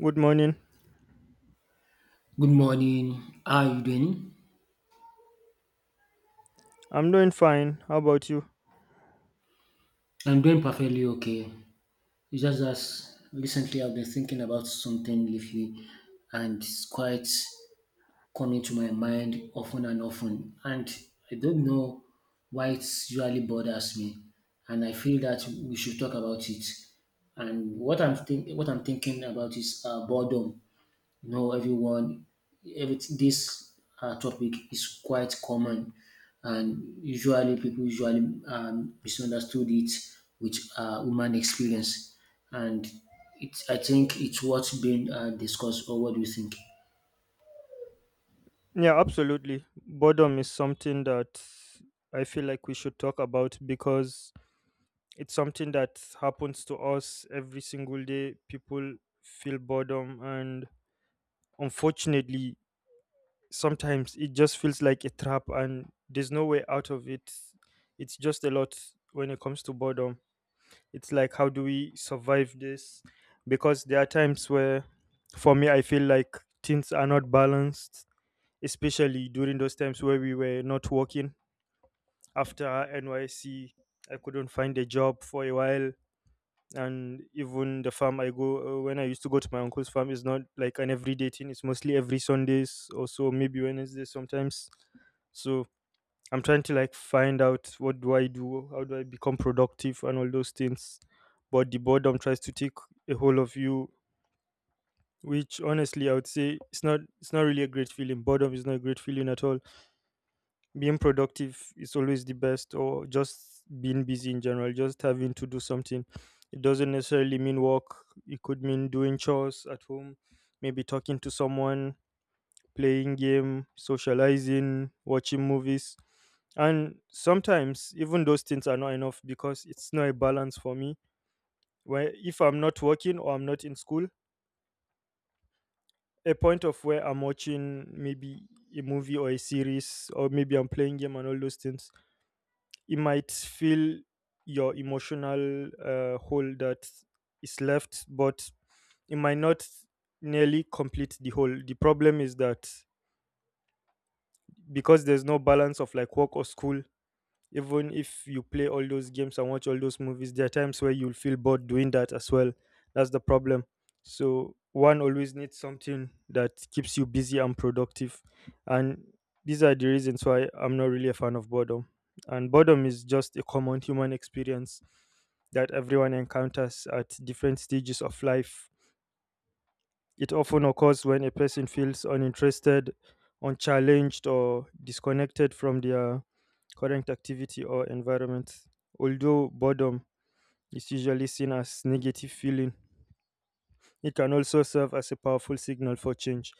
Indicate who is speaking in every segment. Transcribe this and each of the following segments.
Speaker 1: Good morning.
Speaker 2: Good morning. How are you doing?
Speaker 1: I'm doing fine. How about you?
Speaker 2: I'm doing perfectly okay. It's just that recently I've been thinking about something lately, and it's quite coming to my mind often and often. And I don't know why it usually bothers me. And I feel that we should talk about it. And what I'm thinking about is boredom. No, everyone, every, this topic is quite common, and usually people usually misunderstood it with human experience, and I think it's what's been discussed. Or what do you think?
Speaker 1: Yeah, absolutely. Boredom is something that I feel like we should talk about because it's something that happens to us every single day. People feel boredom, and unfortunately, sometimes it just feels like a trap and there's no way out of it. It's just a lot when it comes to boredom. It's like, how do we survive this? Because there are times where, for me, I feel like things are not balanced, especially during those times where we were not working. After NYC, I couldn't find a job for a while, and even the farm I go when I used to go to my uncle's farm is not like an everyday thing. It's mostly every Sundays or so, maybe Wednesday sometimes. So I'm trying to like find out, what do I do, how do I become productive, and all those things. But the boredom tries to take a hold of you, which honestly, I would say it's not, it's not really a great feeling. Boredom is not a great feeling at all. Being productive is always the best, or just being busy in general, just having to do something. It doesn't necessarily mean work. It could mean doing chores at home, maybe talking to someone, playing game, socializing, watching movies. And sometimes even those things are not enough, because it's not a balance for me, where if I'm not working or I'm not in school, a point of where I'm watching maybe a movie or a series, or maybe I'm playing game and all those things. It might fill your emotional hole that is left, but it might not nearly complete the whole. The problem is that because there's no balance of like work or school, even if you play all those games and watch all those movies, there are times where you'll feel bored doing that as well. That's the problem. So one always needs something that keeps you busy and productive. And these are the reasons why I'm not really a fan of boredom. And boredom is just a common human experience that everyone encounters at different stages of life. It often occurs when a person feels uninterested, unchallenged, or disconnected from their current activity or environment. Although boredom is usually seen as negative feeling, it can also serve as a powerful signal for change,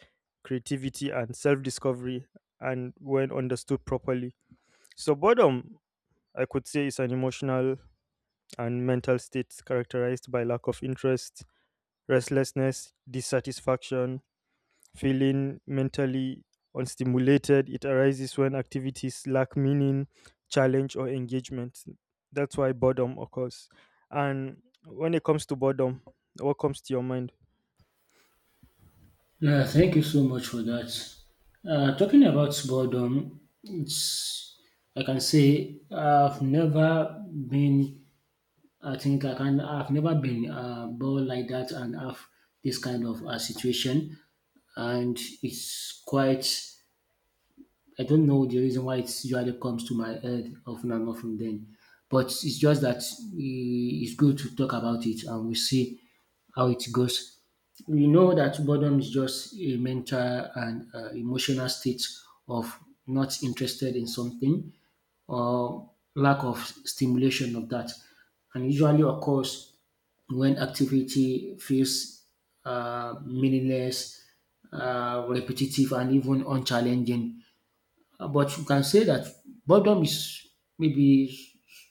Speaker 1: creativity, and self-discovery, and when understood properly. So boredom, I could say, is an emotional and mental state characterized by lack of interest, restlessness, dissatisfaction, feeling mentally unstimulated. It arises when activities lack meaning, challenge, or engagement. That's why boredom occurs. And when it comes to boredom, what comes to your mind?
Speaker 2: Yeah, thank you so much for that. Talking about boredom, it's I can say I've never been I think I can. I've never been born like that and have this kind of situation, and it's quite I don't know the reason why it usually comes to my head often and often then, but it's just that it's good to talk about it and we see how it goes. We know that boredom is just a mental and emotional state of not interested in something or lack of stimulation of that, and usually occurs when activity feels meaningless, repetitive, and even unchallenging. But you can say that boredom is maybe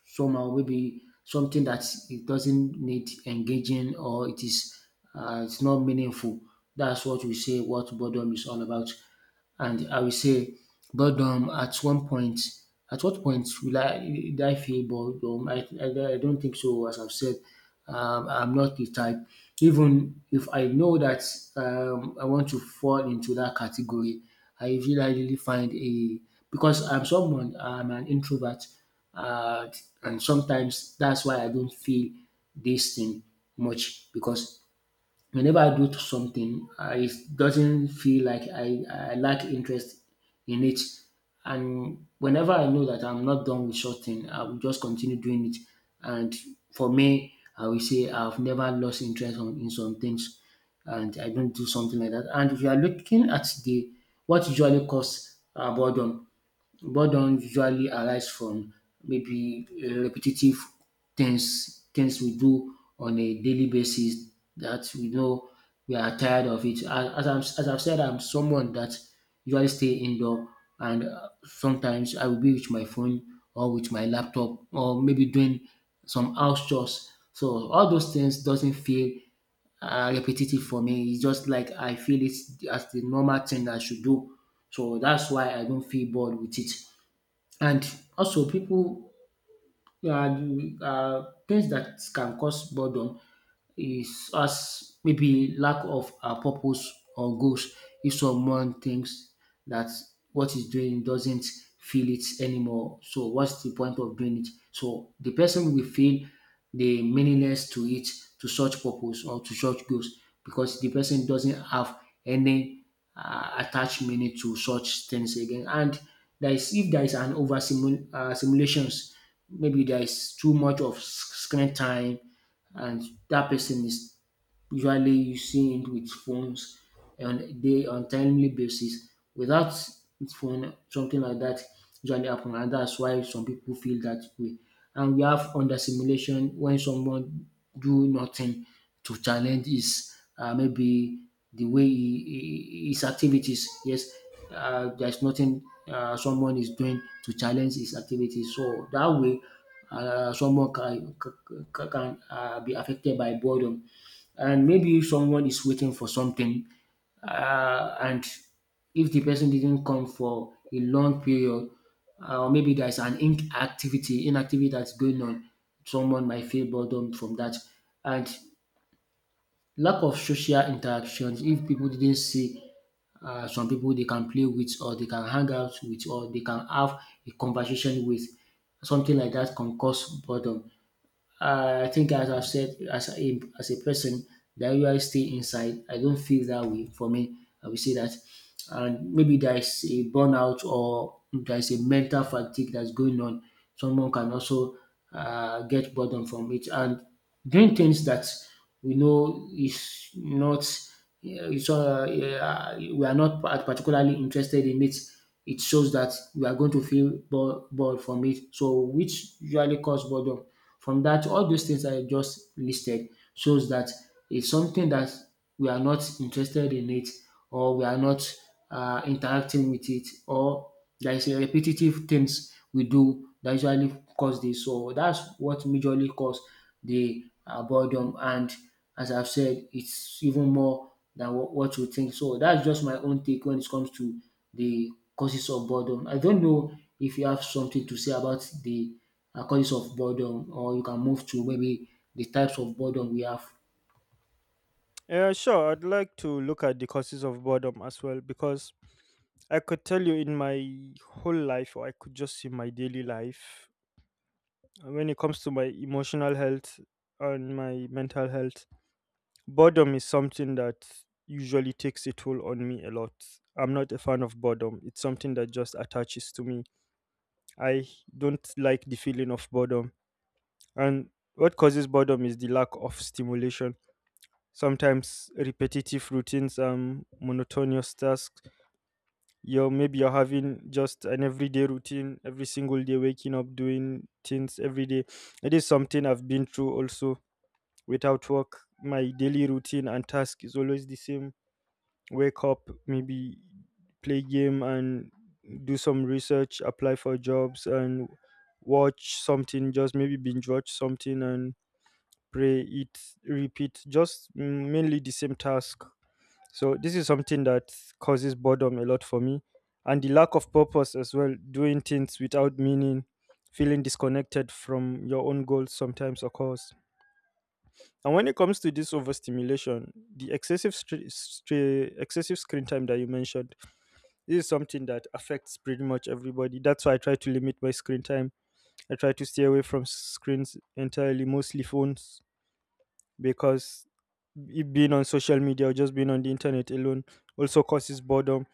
Speaker 2: somehow maybe something that it doesn't need engaging or it's not meaningful. That's what we say what boredom is all about. And I will say boredom at one point at what point will I did I feel bored? I don't think so. As I've said, I'm not the type. Even if I know that I want to fall into that category, I usually really find a because I'm an introvert, uh, and sometimes that's why I don't feel this thing much because whenever I do something, it doesn't feel like I lack interest in it. And whenever I know that I'm not done with something, I will just continue doing it. And for me, I will say I've never lost interest in some things, and I don't do something like that. And if you are looking at the what usually causes boredom, boredom usually arise from maybe repetitive things we do on a daily basis that we know we are tired of it. And as I've said, I'm someone that usually stay indoor and sometimes I will be with my phone or with my laptop or maybe doing some house chores. So all those things doesn't feel repetitive for me. It's just like I feel it's as the normal thing I should do. So that's why I don't feel bored with it. And also people uh, you- uh, things that can cause boredom is us maybe lack of a purpose or goals. If someone thinks that what he's doing doesn't feel it anymore, so what's the point of doing it, so the person will feel the meaningless to it, to such purpose or to such goals, because the person doesn't have any attached meaning to such things again. And there is if there is an over simulations, maybe there is too much of screen time, and that person is usually using it with phones on a day on timely basis. Without phone, something like that usually happen, and that's why some people feel that way. And we have under simulation when someone do nothing to challenge his maybe the way his activities. Yes, there's nothing someone is doing to challenge his activities. So that way, someone can be affected by boredom. And maybe someone is waiting for something and if the person didn't come for a long period or maybe there's an inactivity that's going on, someone might feel boredom from that. And lack of social interactions, if people didn't see some people they can play with or they can hang out with or they can have a conversation with, something like that can cause boredom. I think as I've said, as as a person, that you I stay inside, I don't feel that way. For me, I will say that, and maybe there is a burnout or there is a mental fatigue that's going on. Someone can also get burden from it, and doing things that we know is not, yeah, yeah, we are not part- particularly interested in it. It shows that we are going to feel bored from it, so which usually cause boredom. From that, all those things I just listed shows that it's something that we are not interested in it or we are not interacting with it, or there is a repetitive things we do that usually cause this. So that's what majorly cause the boredom. And as I've said, it's even more than what you think. So that's just my own take when it comes to the causes of boredom. I don't know if you have something to say about the causes of boredom, or you can move to maybe the types of boredom we have.
Speaker 1: Yeah, sure. I'd like to look at the causes of boredom as well, because I could tell you in my whole life, or I could just in my daily life, when it comes to my emotional health and my mental health, boredom is something that usually takes a toll on me a lot. I'm not a fan of boredom. It's something that just attaches to me. I don't like the feeling of boredom. And what causes boredom is the lack of stimulation. Sometimes repetitive routines, monotonous tasks. You're maybe you're having just an everyday routine every single day, waking up, doing things every day. It is something I've been through also without work. My daily routine and task is always the same: wake up, maybe play game, and do some research, apply for jobs, and watch something, just maybe binge watch something, and pray, eat, repeat, just mainly the same task. So this is something that causes boredom a lot for me, and the lack of purpose as well, doing things without meaning, feeling disconnected from your own goals sometimes occurs. And when it comes to this overstimulation, the excessive screen time that you mentioned, this is something that affects pretty much everybody. That's why I try to limit my screen time. I try to stay away from screens entirely, mostly phones, because it being on social media or just being on the internet alone also causes boredom.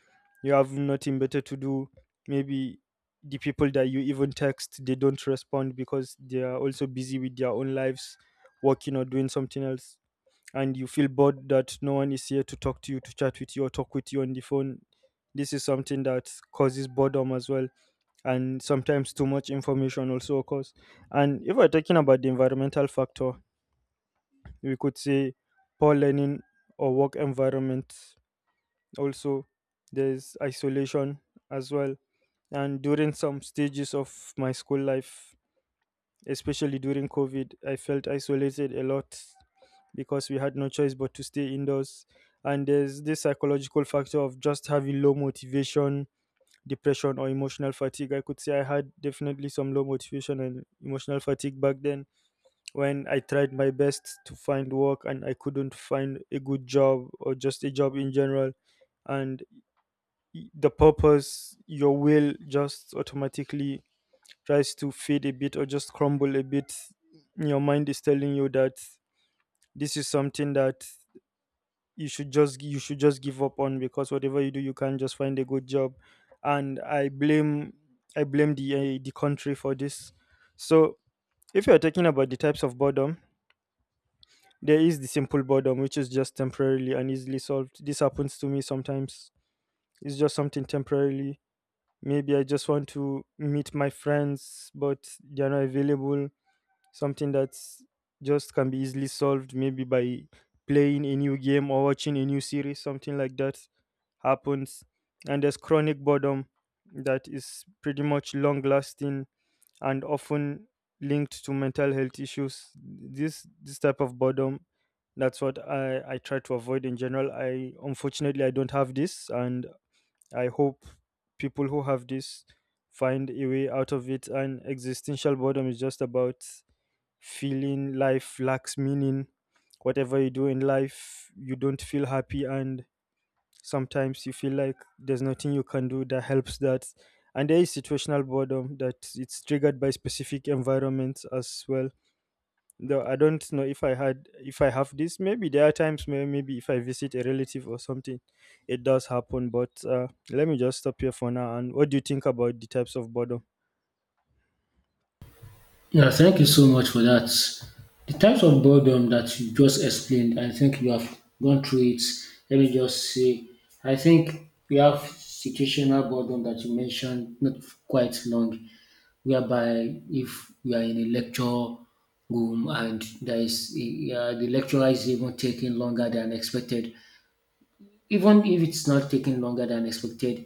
Speaker 1: You have nothing better to do. Maybe the people that you even text, they don't respond because they are also busy with their own lives, working or doing something else, and you feel bored that no one is here to talk to you, to chat with you, or talk with you on the phone. This is something that causes boredom as well, and sometimes too much information also occurs. And if we're talking about the environmental factor, we could say poor learning or work environment. Also, there's isolation as well. And during some stages of my school life, especially during COVID, I felt isolated a lot because we had no choice but to stay indoors. And there's this psychological factor of just having low motivation, depression, or emotional fatigue. I could say I had definitely some low motivation and emotional fatigue back then when I tried my best to find work and I couldn't find a good job or just a job in general. And the purpose, your will just automatically tries to fade a bit or just crumble a bit. Your mind is telling you that this is something that you should just give up on, because whatever you do, you can't just find a good job. And I blame I blame the country for this. So if you're talking about the types of boredom, there is the simple boredom, which is just temporarily and easily solved. This happens to me sometimes. It's just something temporarily, maybe I just want to meet my friends but they're not available, something that's just can be easily solved, maybe by playing a new game or watching a new series, something like that happens. And there's chronic boredom that is pretty much long lasting and often linked to mental health issues. This type of boredom, that's what I try to avoid in general. I, unfortunately, I don't have this, and I hope people who have this find a way out of it. And existential boredom is just about feeling life lacks meaning. Whatever you do in life, you don't feel happy, and sometimes you feel like there's nothing you can do that helps that. And there is situational boredom that it's triggered by specific environments as well. Though I don't know if I had, if I have this. Maybe there are times where maybe if I visit a relative or something, it does happen. But let me just stop here for now. And what do you think about the types of boredom?
Speaker 2: Yeah, thank you so much for that. The types of boredom that you just explained, I think you have gone through it. Let me just say, I think we have situational boredom that you mentioned not quite long, whereby if we are in a lecture room and there is the lecturer is even taking longer than expected, even if it's not taking longer than expected,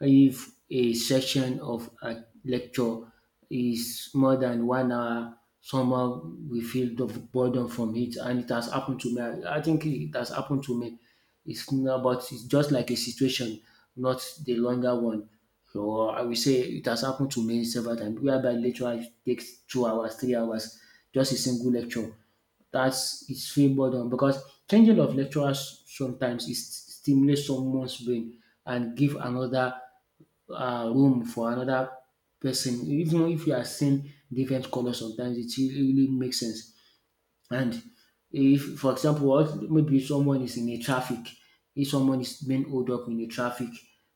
Speaker 2: if a section of a lecture is more than 1 hour, somehow we feel the burden from it, and it has happened to me. I think it has happened to me. It's not, but it's just like a situation, not the longer one. So I will say it has happened to me several times, whereby lecture takes 2 hours, 3 hours, just a single lecture. That's it's feel burden because changing of lecturers sometimes is stimulate someone's brain and give another room for another person. Even if you are seeing different colors, sometimes it really really makes sense. And if, for example, what maybe someone is in a traffic, if someone is being held up in a traffic,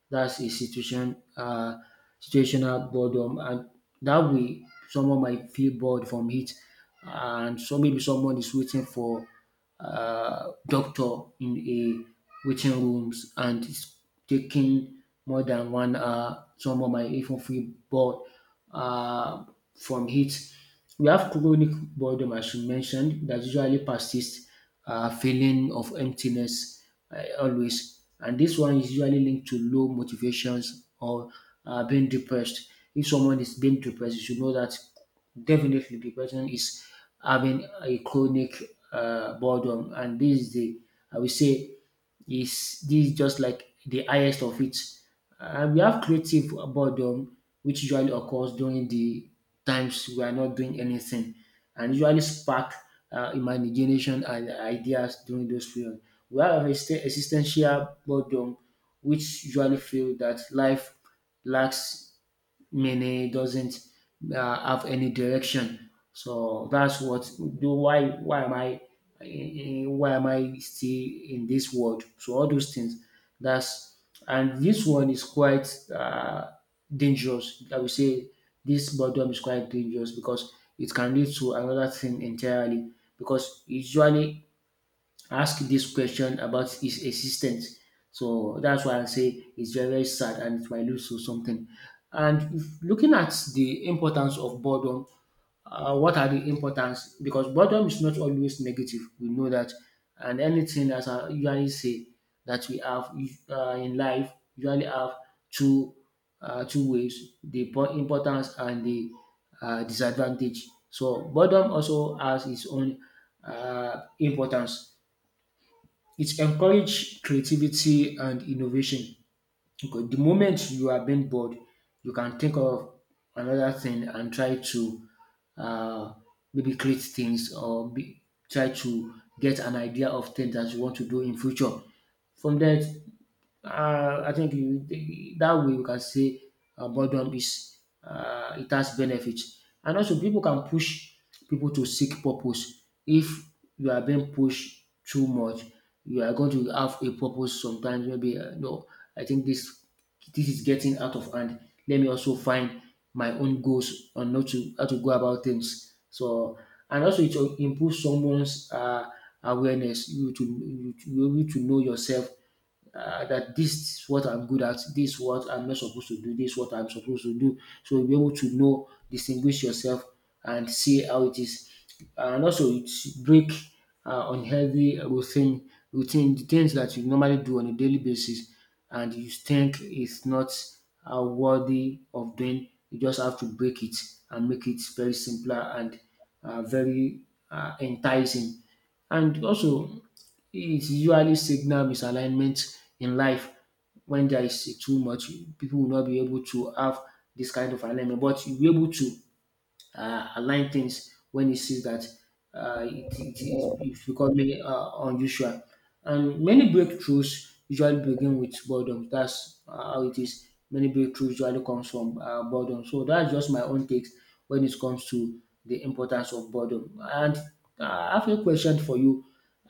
Speaker 2: that's a situational boredom, and that way someone might feel bored from it. And so maybe someone is waiting for doctor in a waiting rooms and it's taking more than 1 hour. Some of my even feel bored uh, from it. We have chronic boredom, as you mentioned, that usually persists, feeling of emptiness always. And this one is usually linked to low motivations or being depressed. If someone is being depressed, you should know that definitely, the person is having a chronic boredom, and this is the I will say is this is just like the highest of it. We have creative boredom, which usually occurs during the times we are not doing anything, and usually spark imagination and ideas during those periods. We have existential boredom, which usually feel that life lacks meaning doesn't have any direction. So that's what do why am I why am I still in this world? So all those things. That's and this one is quite uh, dangerous. I would say this boredom is quite dangerous because it can lead to another thing entirely. Because usually ask this question about his existence. So that's why I say it's very, very sad and it might lead to something. And looking at the importance of boredom, what are the importance? Because boredom is not always negative. We know that. And anything, as I usually say, that we have in life, usually have two two ways: the importance and the disadvantage. So boredom also has its own importance. It encourages creativity and innovation because the moment you are being bored, you can think of another thing and try to uh, maybe create things or be, try to get an idea of things that you want to do in future. From that, I think you, that way we can say boredom is it has benefits, and also people can push people to seek purpose. If you are being pushed too much, you are going to have a purpose sometimes. Maybe no, I think this is getting out of hand. Let me also find my own goals on not to how to go about things. So and also it will improve someone's awareness. You to you to be to know yourself that this is what I'm good at, this is what I'm not supposed to do, this is what I'm supposed to do. So you'll be able to know, distinguish yourself, and see how it is. And also, it break unhealthy routine, the things that you normally do on a daily basis, and you think it's not worthy of doing. You just have to break it and make it very simpler and very enticing. And also, it usually signal misalignment in life. When there is too much, people will not be able to have this kind of alignment, but you'll be able to align things when he sees that it's becoming unusual. And many breakthroughs usually begin with boredom. That's how it is. Many breakthroughs usually comes from boredom. So that's just my own takes when it comes to the importance of boredom. And I have a question for you.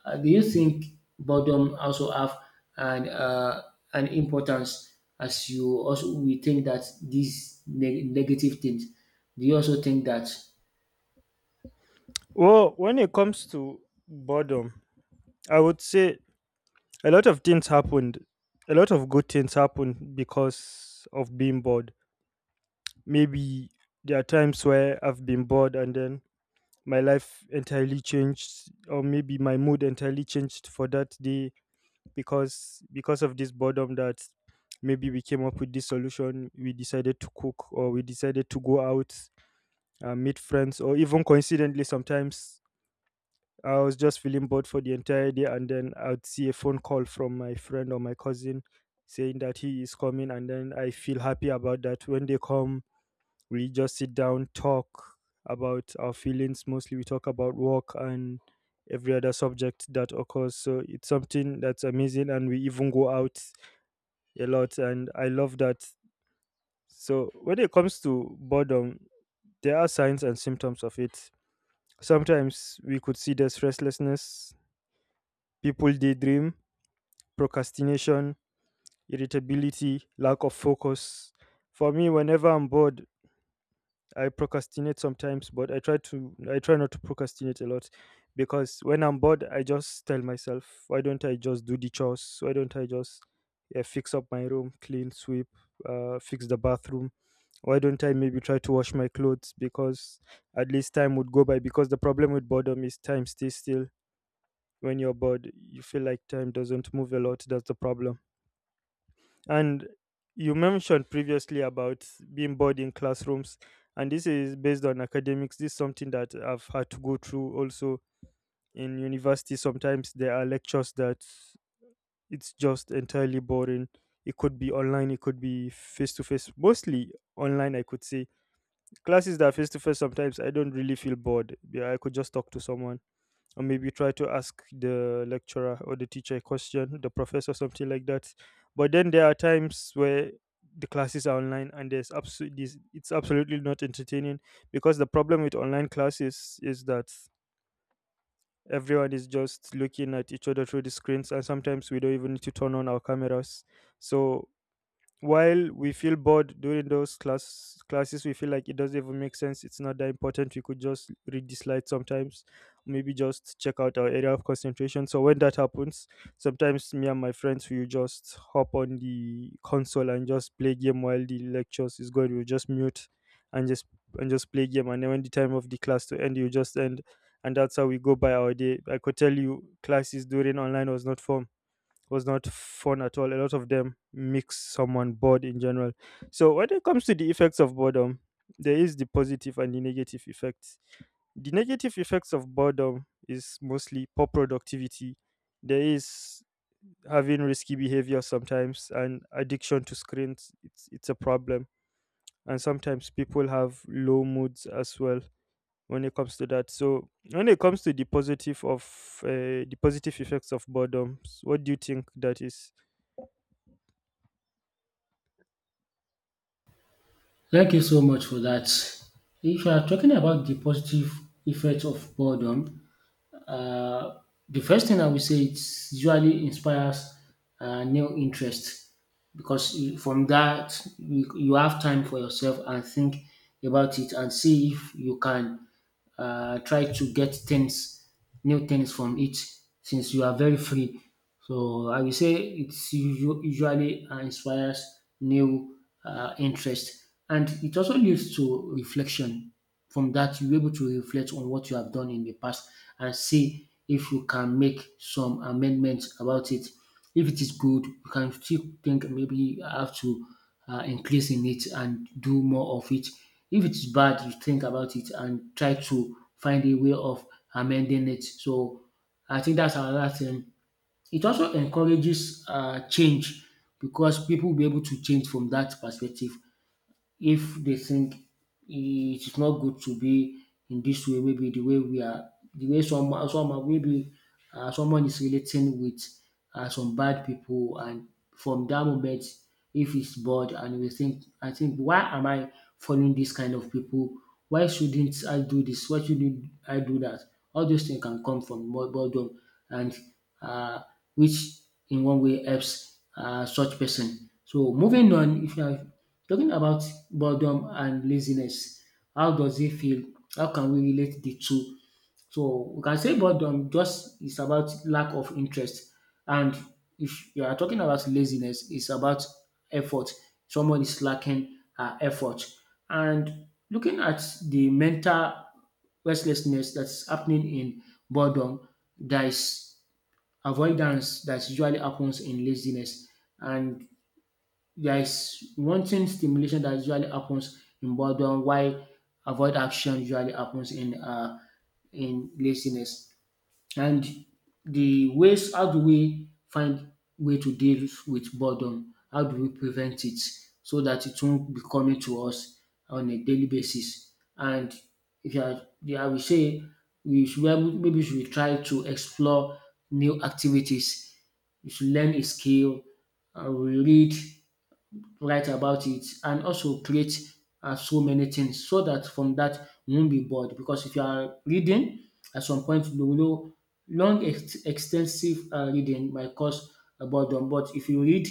Speaker 2: Do you think boredom also have an uh, an importance as you also we think that these negative things, do you also think that?
Speaker 1: Well, when it comes to boredom, I would say a lot of things happened. A lot of good things happened because of being bored. Maybe there are times where I've been bored, and then my life entirely changed, or maybe my mood entirely changed for that day, because of this boredom, that maybe we came up with this solution, we decided to cook or we decided to go out, meet friends, or even coincidentally sometimes I was just feeling bored for the entire day, and then I'd see a phone call from my friend or my cousin saying that he is coming, and then I feel happy about that. When they come, we just sit down, talk about our feelings. Mostly, we talk about work and every other subject that occurs. So it's something that's amazing, and we even go out a lot, and I love that. So when it comes to boredom, there are signs and symptoms of it. Sometimes we could see there's restlessness, people daydream, procrastination, irritability, lack of focus. For me, whenever I'm bored, I procrastinate sometimes, but I try not to procrastinate a lot, because when I'm bored, I just tell myself, why don't I just do the chores? Why don't I just fix up my room, clean, sweep, fix the bathroom? Why don't I maybe try to wash my clothes? Because at least time would go by. Because the problem with boredom is time stays still. When you're bored, you feel like time doesn't move a lot. That's the problem. And you mentioned previously about being bored in classrooms, and this is based on academics. This is something that I've had to go through also in university. Sometimes there are lectures that it's just entirely boring. It could be online, it could be face to face, mostly online, I could say. Classes that are face to face, sometimes I don't really feel bored. Yeah, I could just talk to someone or maybe try to ask the lecturer or the teacher a question, the professor, something like that. But then there are times where the classes are online and there's absolutely it's absolutely not entertaining, because the problem with online classes is that everyone is just looking at each other through the screens, and sometimes we don't even need to turn on our cameras. So while we feel bored during those classes, we feel like it doesn't even make sense, it's not that important. We could just read the slides sometimes, maybe just check out our area of concentration. So when that happens, sometimes me and my friends we just hop on the console and just play game while the lectures is going. We just mute and just and just play game, and then when the time of the class to end, you just end. And that's how we go by our day. I could tell you, classes during online was not fun at all. A lot of them makes someone bored in general. So when it comes to the effects of boredom, there is the positive and the negative effects. The negative effects of boredom is mostly poor productivity. There is having risky behavior sometimes, and addiction to screens. It's a problem, and sometimes people have low moods as well when it comes to that. So when it comes to the positive of uh, the positive effects of boredom, what do you think that is?
Speaker 2: Thank you so much for that. If you are talking about the positive effects of boredom, Uh, the first thing I would say it's usually inspires new interest because you have time for yourself and think about it and see if you can try to get things, new things from it since you are very free. So I will say it's usually inspires new interest, and it also leads to reflection. From that, you are able to reflect on what you have done in the past and see if you can make some amendments about it. If it is good, you can still think maybe I have to increase in it and do more of it. If it's bad, you think about it and try to find a way of amending it. So I think that's another thing. It also encourages change because people will be able to change from that perspective if they think it's not good to be in this way, maybe the way we are, the way someone is relating with some bad people, and from that moment, if he's bored and we think, I think, why am I following this kind of people? Why shouldn't I do this? Why shouldn't I do that? All those things can come from boredom, and uh, which in one way helps such person. So moving on, if you have. Talking about boredom and laziness, how does it feel? How can we relate the two? So we can say boredom just is about lack of interest, and if you are talking about laziness, it's about effort. Someone is lacking effort, and looking at the mental restlessness that's happening in boredom, there is avoidance that usually happens in laziness, and there is wanting stimulation that usually happens in boredom while avoid action usually happens in laziness. And the ways, how do we find way to deal with boredom? How do we prevent it so that it won't be coming to us on a daily basis? And if you are, yeah, I would say we should be able- maybe we should try to explore new activities. You should learn a skill, read, write about it, and also create so many things so that from that we won't be bored. Because if you are reading, at some point you will know long extensive reading might cause a boredom, but if you read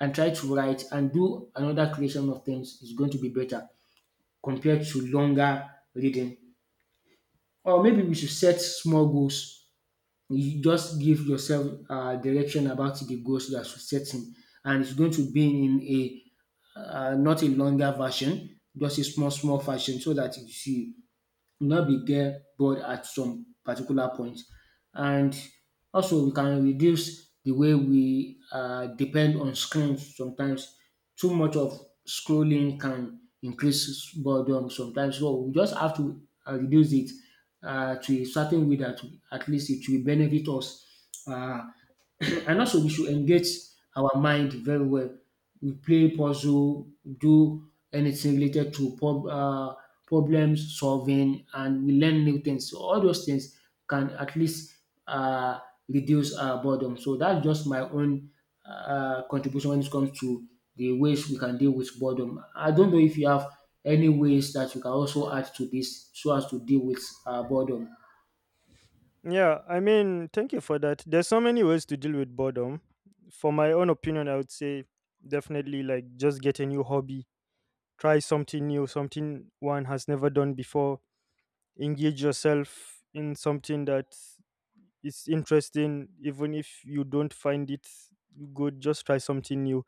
Speaker 2: and try to write and do another creation of things, it's going to be better compared to longer reading. Or maybe we should set small goals. You just give yourself direction about the goals that you're setting, and it's going to be in a not a longer version, just a small, small version so that she will not be get bored at some particular point. And also, we can reduce the way we depend on screens sometimes. Too much of scrolling can increase boredom sometimes. So we just have to reduce it to a certain way that at least it will benefit us. Uh, and also we should engage our mind very well. We play puzzle, do anything related to problem solving, and we learn new things. So all those things can at least uh, reduce our boredom. So that's just my own contribution when it comes to the ways we can deal with boredom. I don't know if you have any ways that you can also add to this so as to deal with boredom.
Speaker 1: Yeah, I mean, thank you for that. There's so many ways to deal with boredom. For my own opinion, I would say definitely like just get a new hobby, try something new, something one has never done before, engage yourself in something that is interesting. Even if you don't find it good, just try something new,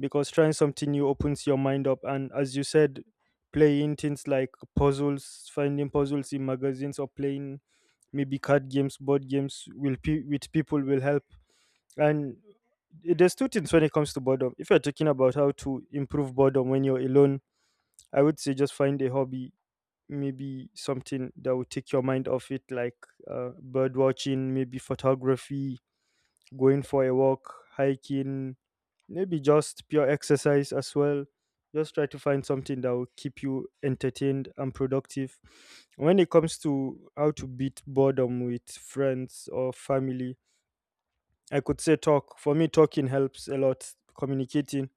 Speaker 1: because trying something new opens your mind up. And as you said, playing things like puzzles, finding puzzles in magazines, or playing maybe card games, board games with people will help. And there's two things when it comes to boredom. If you're talking about how to improve boredom when you're alone, I would say just find a hobby, maybe something that would take your mind off it, like bird watching, maybe photography, going for a walk, hiking, maybe just pure exercise as well. Just try to find something that will keep you entertained and productive. When it comes to how to beat boredom with friends or family, I could say talk. For me, talking helps a lot. Communicating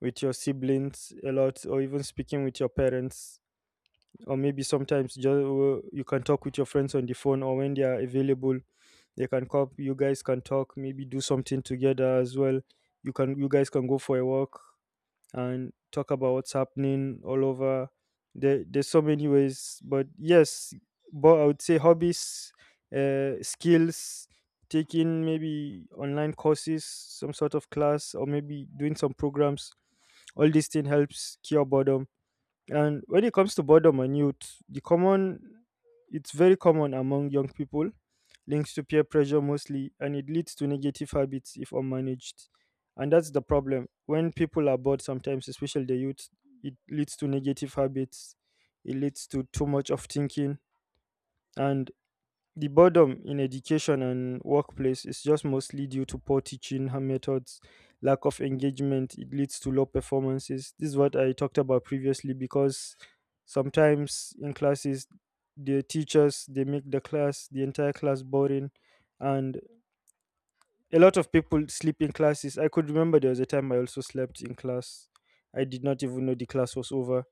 Speaker 1: with your siblings a lot, or even speaking with your parents, or maybe sometimes just oh, you can talk with your friends on the phone, or when they are available, they can call. You guys can talk. Maybe do something together as well. You guys can go for a walk and talk about what's happening all over. There's so many ways, but yes, but I would say hobbies, skills, taking maybe online courses, some sort of class, or maybe doing some programs. All these things helps cure boredom. And when it comes to boredom and youth, the common it's very common among young people, links to peer pressure mostly, and it leads to negative habits if unmanaged. And that's the problem. When people are bored sometimes, especially the youth, it leads to negative habits. It leads to too much of thinking. And the boredom in education and workplace is just mostly due to poor teaching methods, lack of engagement. It leads to low performances. This is what I talked about previously because sometimes in classes, they make the class, the entire class boring, and a lot of people sleep in classes. I could remember there was a time I also slept in class. I did not even know the class was over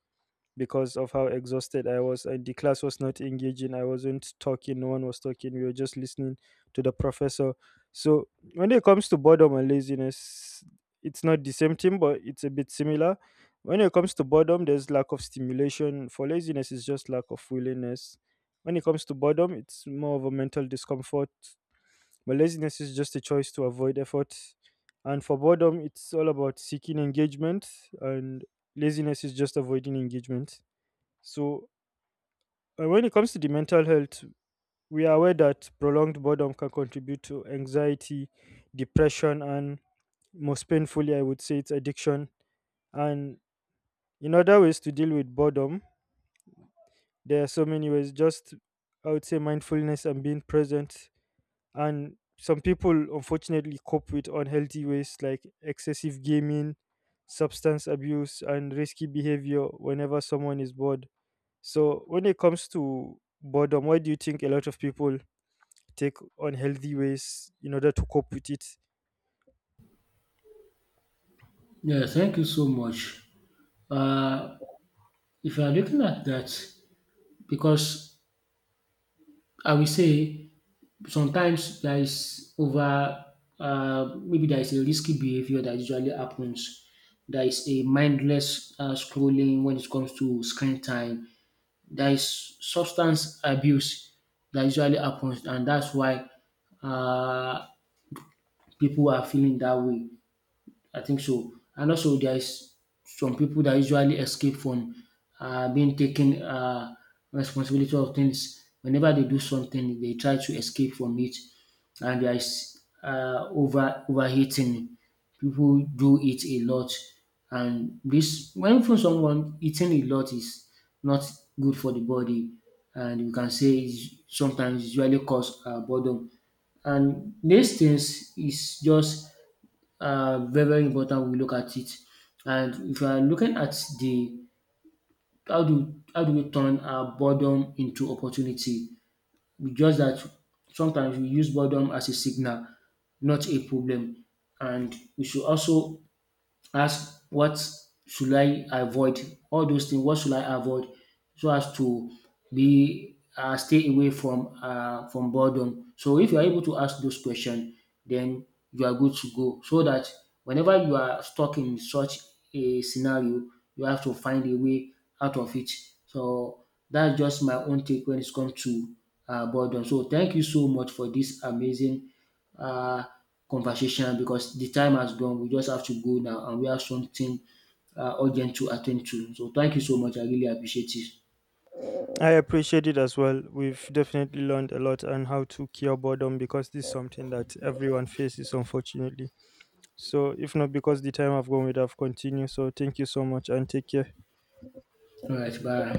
Speaker 1: because of how exhausted I was. And the class was not engaging. I wasn't talking. No one was talking. We were just listening to the professor. So when it comes to boredom and laziness, it's not the same thing, but it's a bit similar. When it comes to boredom, there's lack of stimulation. For laziness, it's just lack of willingness. When it comes to boredom, it's more of a mental discomfort. But laziness is just a choice to avoid effort. And for boredom, it's all about seeking engagement, and laziness is just avoiding engagement. So, when it comes to the mental health, we are aware that prolonged boredom can contribute to anxiety, depression, and most painfully, I would say it's addiction. And in other ways to deal with boredom, there are so many ways. Just, I would say, mindfulness and being present. And some people unfortunately cope with unhealthy ways like excessive gaming, substance abuse, and risky behavior whenever someone is bored. So when it comes to boredom, why do you think a lot of people take unhealthy ways in order to cope with it?
Speaker 2: Yeah, thank you so much. Uh, if you are looking at that, because I will say sometimes there is over, maybe there is a risky behavior that usually happens. There is a mindless scrolling when it comes to screen time. There is substance abuse that usually happens, and that's why uh, people are feeling that way. I think so. And also there is some people that usually escape from being taken responsibility of things. Whenever they do something, they try to escape from it. And there is overeating. People do eat a lot, and this when from someone eating a lot is not good for the body, and you can say it's sometimes usually cause boredom. And these things is just very very important we look at it. And if you are looking at the how do we turn our boredom into opportunity? We just that sometimes we use boredom as a signal, not a problem. And we should also ask what should I avoid, all those things, what should I avoid so as to be stay away from boredom. So if you are able to ask those questions, then you are good to go. So that whenever you are stuck in such a scenario, you have to find a way out of it. So that's just my own take when it comes to boredom. So thank you so much for this amazing uh, conversation, because the time has gone. We just have to go now, and we have something urgent to attend to. So thank you so much. I really appreciate it.
Speaker 1: I appreciate it as well. We've definitely learned a lot on how to cure boredom because this is something that everyone faces, unfortunately. So, if not because the time I've gone with, I've continued. So, thank you so much and take care.
Speaker 2: All right, bye.